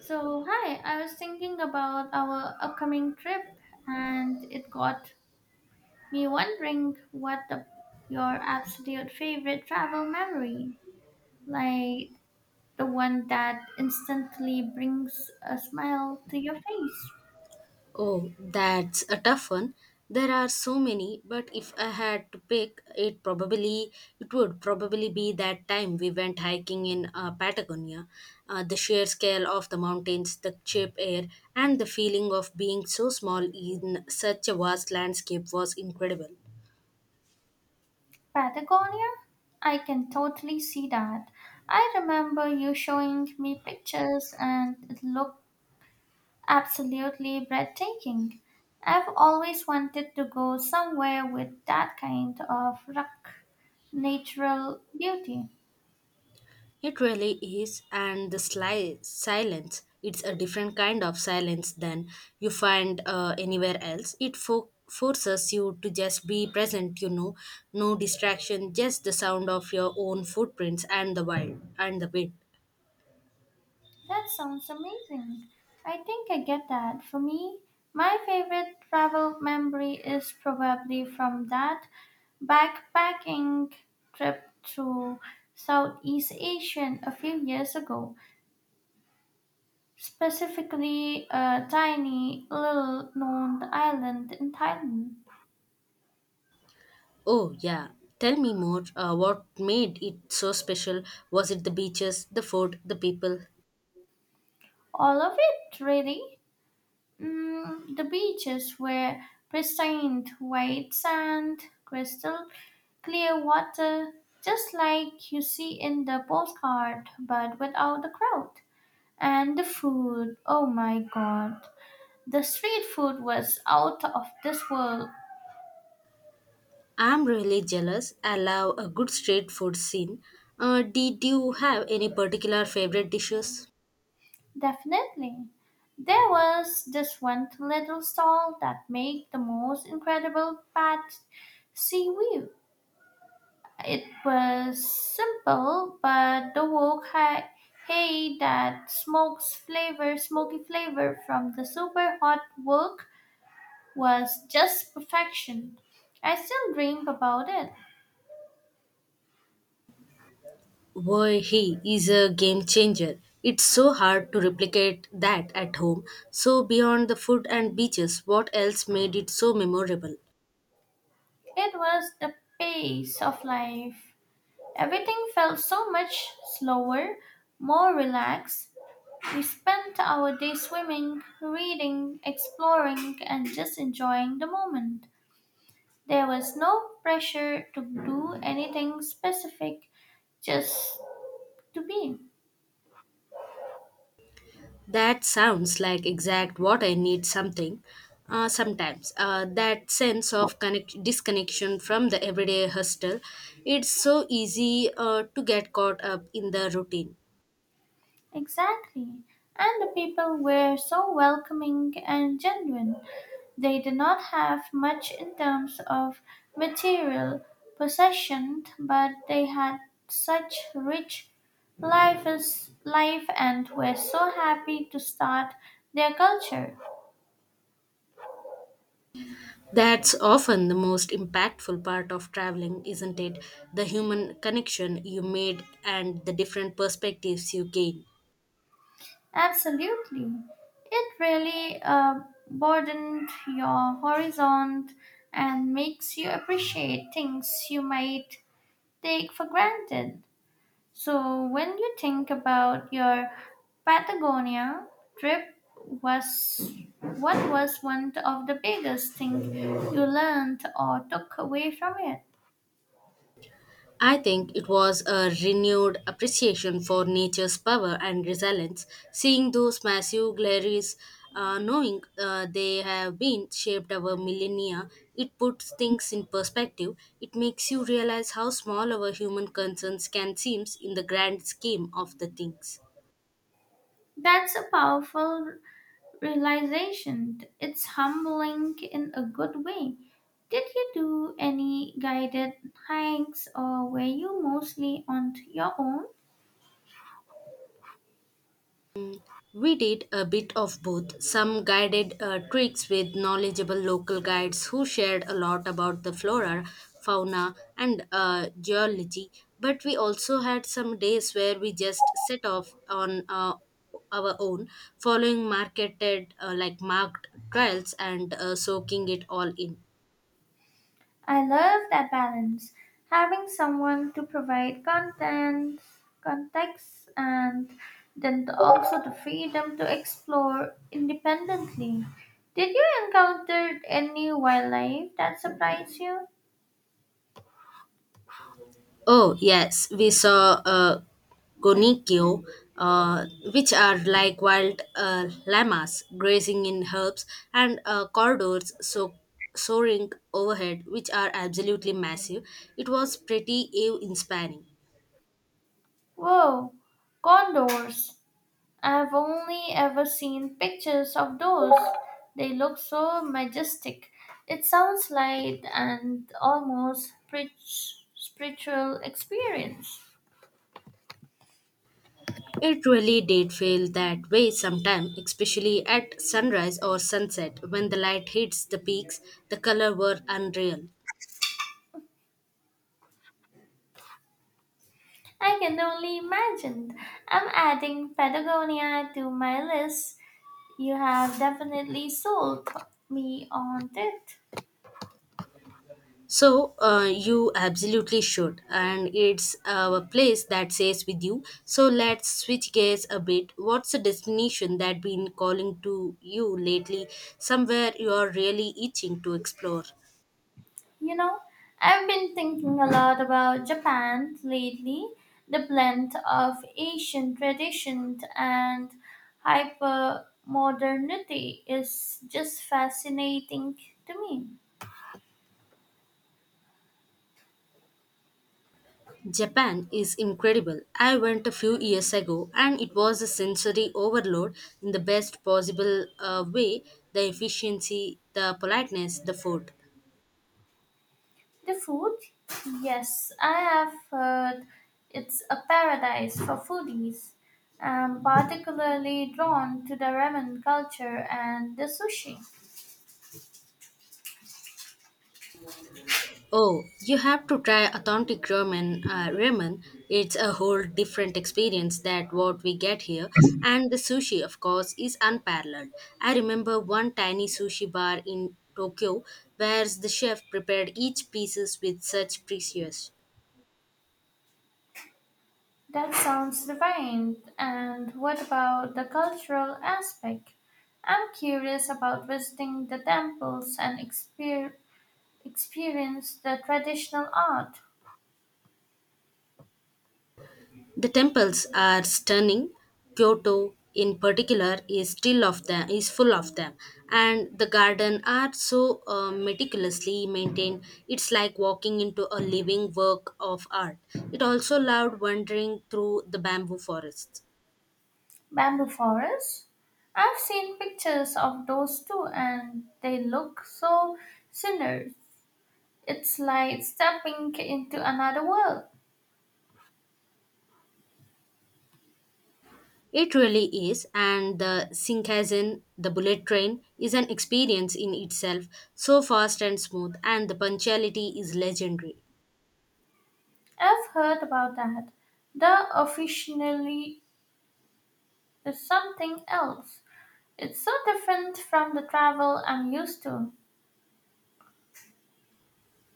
So, hi, I was thinking about our upcoming trip and it got me wondering your absolute favorite travel memory, like the one that instantly brings a smile to your face. Oh, that's a tough one. There are so many, but if I had to pick, it probably it would probably be that time we went hiking in Patagonia. The sheer scale of the mountains, the cheap air, and the feeling of being so small in such a vast landscape was incredible. Patagonia? I can totally see that. I remember you showing me pictures and it looked absolutely breathtaking. I've always wanted to go somewhere with that kind of rock natural beauty. It really is, and the silence, it's a different kind of silence than you find anywhere else. It forces you to just be present, you know, no distraction, just the sound of your own footprints and the wild and the wind. That sounds amazing. I think I get that. For me, my favorite travel memory is probably from that backpacking trip to Southeast Asia a few years ago, specifically a tiny little known island in Thailand. Oh, yeah. Tell me more. What made it so special? Was it the beaches, the food, the people? All of it, really. The beaches were pristine, white sand, crystal clear water, just like you see in the postcard, but without the crowd. And the food, oh my god. The street food was out of this world, I'm really jealous. I love a good street food scene. Did you have any particular favorite dishes? definitely. There was this one little stall that made the most incredible pad seaweed. It was simple, but the wok had hay that smokes flavor, smoky flavor from the super hot wok was just perfection. I still dream about it. Boy, he is a game changer. It's so hard to replicate that at home. So, beyond the food and beaches, what else made it so memorable? It was the pace of life. Everything felt so much slower, more relaxed. We spent our day swimming, reading, exploring, and just enjoying the moment. There was no pressure to do anything specific, just to be. That sounds like exact what I need something. Sometimes that sense of disconnection from the everyday hustle, it's so easy to get caught up in the routine. Exactly. And the people were so welcoming and genuine. They did not have much in terms of material possession, but they had such rich life, life and were so happy to start their culture. That's often the most impactful part of traveling, isn't it? The human connection you made and the different perspectives you gain. Absolutely. It really broadened your horizon and makes you appreciate things you might take for granted. So, when you think about your Patagonia trip, was what was one of the biggest things you learned or took away from it? I think it was a renewed appreciation for nature's power and resilience, seeing those massive glaciers, knowing they have been shaped over millennia, it puts things in perspective. It makes you realize how small our human concerns can seem in the grand scheme of the things. That's a powerful realization. It's humbling in a good way. Did you do any guided hikes or were you mostly on your own? We did a bit of both, some guided treks with knowledgeable local guides who shared a lot about the flora, fauna, and geology. But we also had some days where we just set off on our own, following marketed , like marked trails and soaking it all in. I love that balance, having someone to provide context, and also the freedom to explore independently. Did you encounter any wildlife that surprised you? Oh, yes, we saw Gonikyo, uh, which are like wild llamas grazing in herbs, and corridors so soaring overhead, which are absolutely massive. It was pretty awe-inspiring. Whoa, condors! I've only ever seen pictures of those. They look so majestic. It sounds like an almost spiritual experience. It really did feel that way sometimes, especially at sunrise or sunset when the light hits the peaks. The color were unreal. I can only imagine. I'm adding Patagonia to my list. You have definitely sold me on it. So, you absolutely should, and it's a place that stays with you. So, let's switch gears a bit. What's the destination that been calling to you lately? Somewhere you are really itching to explore. You know, I've been thinking a lot about Japan lately, the blend of Asian tradition and hyper modernity is just fascinating to me. Japan is incredible. I went a few years ago, and it was a sensory overload in the best possible way. The efficiency, the politeness, the food. The food? Yes, I have heard it's a paradise for foodies. I'm particularly drawn to the ramen culture and the sushi. Oh, you have to try authentic ramen. Ramen. It's a whole different experience than what we get here. And the sushi, of course, is unparalleled. I remember one tiny sushi bar in Tokyo where the chef prepared each pieces with such precious. That sounds divine. And what about the cultural aspect? I'm curious about visiting the temples and experience the traditional art. The temples are stunning. Kyoto, in particular, is still of them is full of them, and the garden are so meticulously maintained. It's like walking into a living work of art. It also loved wandering through the bamboo forests. Bamboo forests? I've seen pictures of those too, and they look so similar. It's like stepping into another world. It really is, and the Shinkansen, the bullet train, is an experience in itself. So fast and smooth, and the punctuality is legendary. I've heard about that. The officially is something else. It's so different from the travel I'm used to.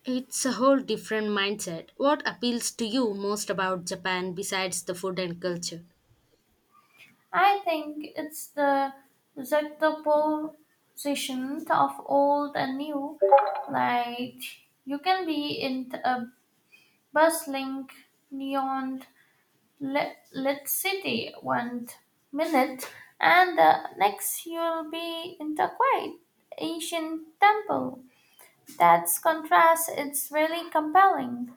It's a whole different mindset. What appeals to you most about Japan besides the food and culture? I think it's the juxtaposition of old and new. Like you can be in a bustling, neon lit city one minute, and the next you'll be in a quiet ancient temple. That contrast is really compelling.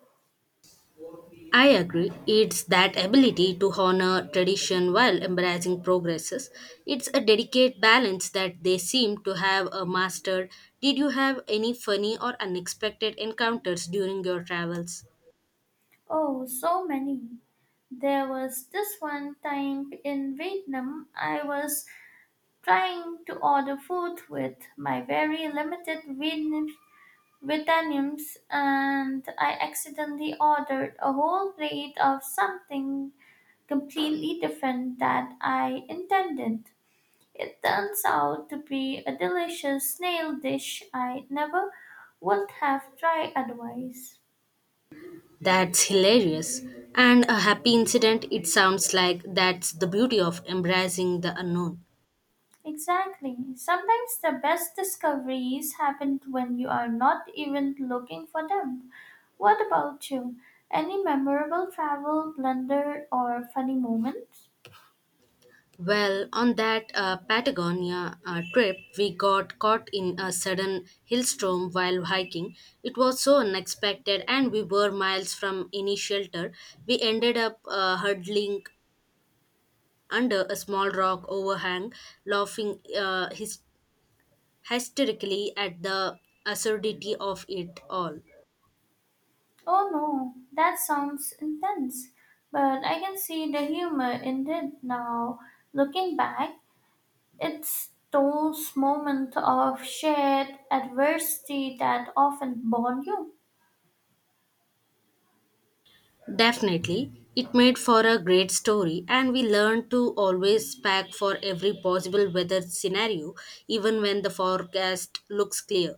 I agree. It's that ability to honor tradition while embracing progresses. It's a delicate balance that they seem to have a mastered. Did you have any funny or unexpected encounters during your travels? Oh, so many. There was this one time in Vietnam I was trying to order food with my very limited Vietnamese and I accidentally ordered a whole plate of something completely different that I intended. It turns out to be a delicious snail dish I never would have tried otherwise. That's hilarious. And a happy incident, it sounds like that's the beauty of embracing the unknown. Exactly. Sometimes the best discoveries happen when you are not even looking for them. What about you? Any memorable travel blunder or funny moment? Well, on that Patagonia trip, we got caught in a sudden hailstorm while hiking. It was so unexpected, and we were miles from any shelter. We ended up huddling under a small rock overhang, laughing hysterically at the absurdity of it all. Oh no, that sounds intense. But I can see the humor in it now. Looking back, it's those moments of shared adversity that often bond you. Definitely, it made for a great story, and we learned to always pack for every possible weather scenario, even when the forecast looks clear.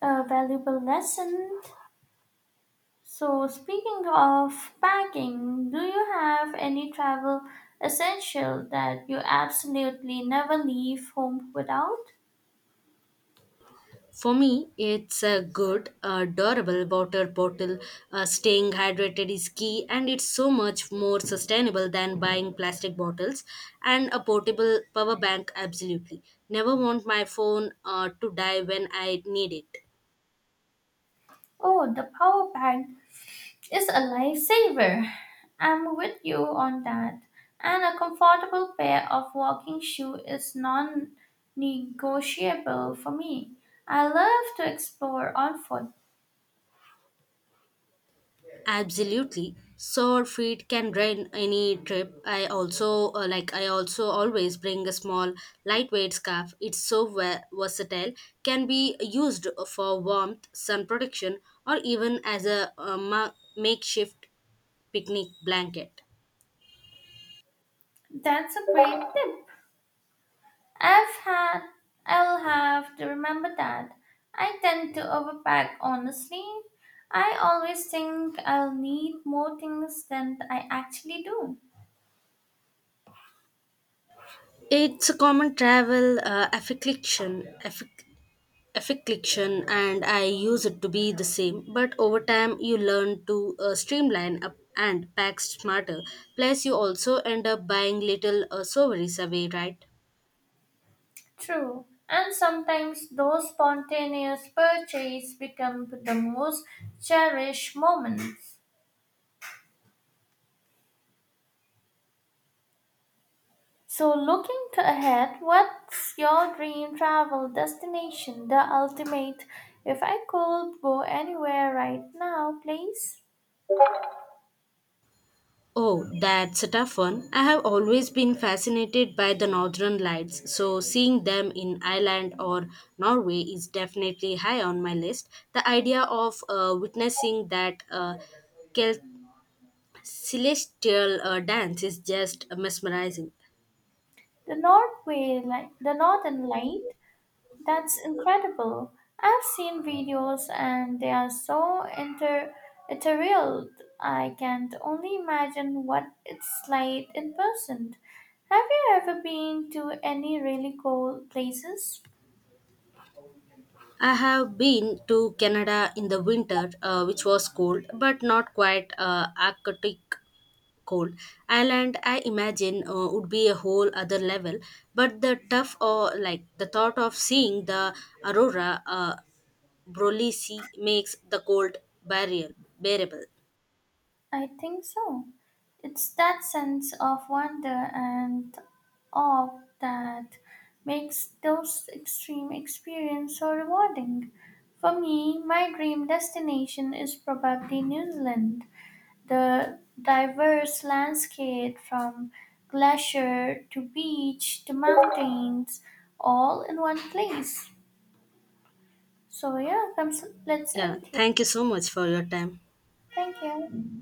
A valuable lesson. So, speaking of packing, do you have any travel essential that you absolutely never leave home without? For me, it's a good, durable water bottle. Staying hydrated is key, and it's so much more sustainable than buying plastic bottles. And a portable power bank, absolutely. Never want my phone to die when I need it. Oh, the power bank is a lifesaver. I'm with you on that. And a comfortable pair of walking shoes is non negotiable for me. I love to explore on foot. Absolutely. Sore feet can drain any trip. I also like I also always bring a small lightweight scarf. It's so versatile. Can be used for warmth, sun protection or even as a makeshift picnic blanket. That's a great tip. I've had, I'll have to remember that. I tend to overpack, honestly. I always think I'll need more things than I actually do. It's a common travel affliction and I use it to be the same. But over time, you learn to streamline up and pack smarter. Plus, you also end up buying little souvenirs away, right? True. And sometimes those spontaneous purchases become the most cherished moments. So, looking to ahead, what's your dream travel destination? The ultimate. If I could go anywhere right now, please. Oh, that's a tough one. I have always been fascinated by the northern lights, so seeing them in Ireland or Norway is definitely high on my list. The idea of witnessing that kel- celestial dance is just mesmerizing. The Northern Light, that's incredible. I've seen videos and they are so inter ethereal. I can't only imagine what it's like in person. Have you ever been to any really cool places? I have been to Canada in the winter, which was cold, but not quite Arctic cold. Ireland, I imagine, would be a whole other level. But the tough, or like the thought of seeing the aurora borealis makes the cold barrier bearable. I think so. It's that sense of wonder and awe that makes those extreme experiences so rewarding. For me, my dream destination is probably New Zealand. The diverse landscape from glacier to beach to mountains, all in one place. So yeah, comes, let's Yeah, end here. thank you so much for your time. Thank you.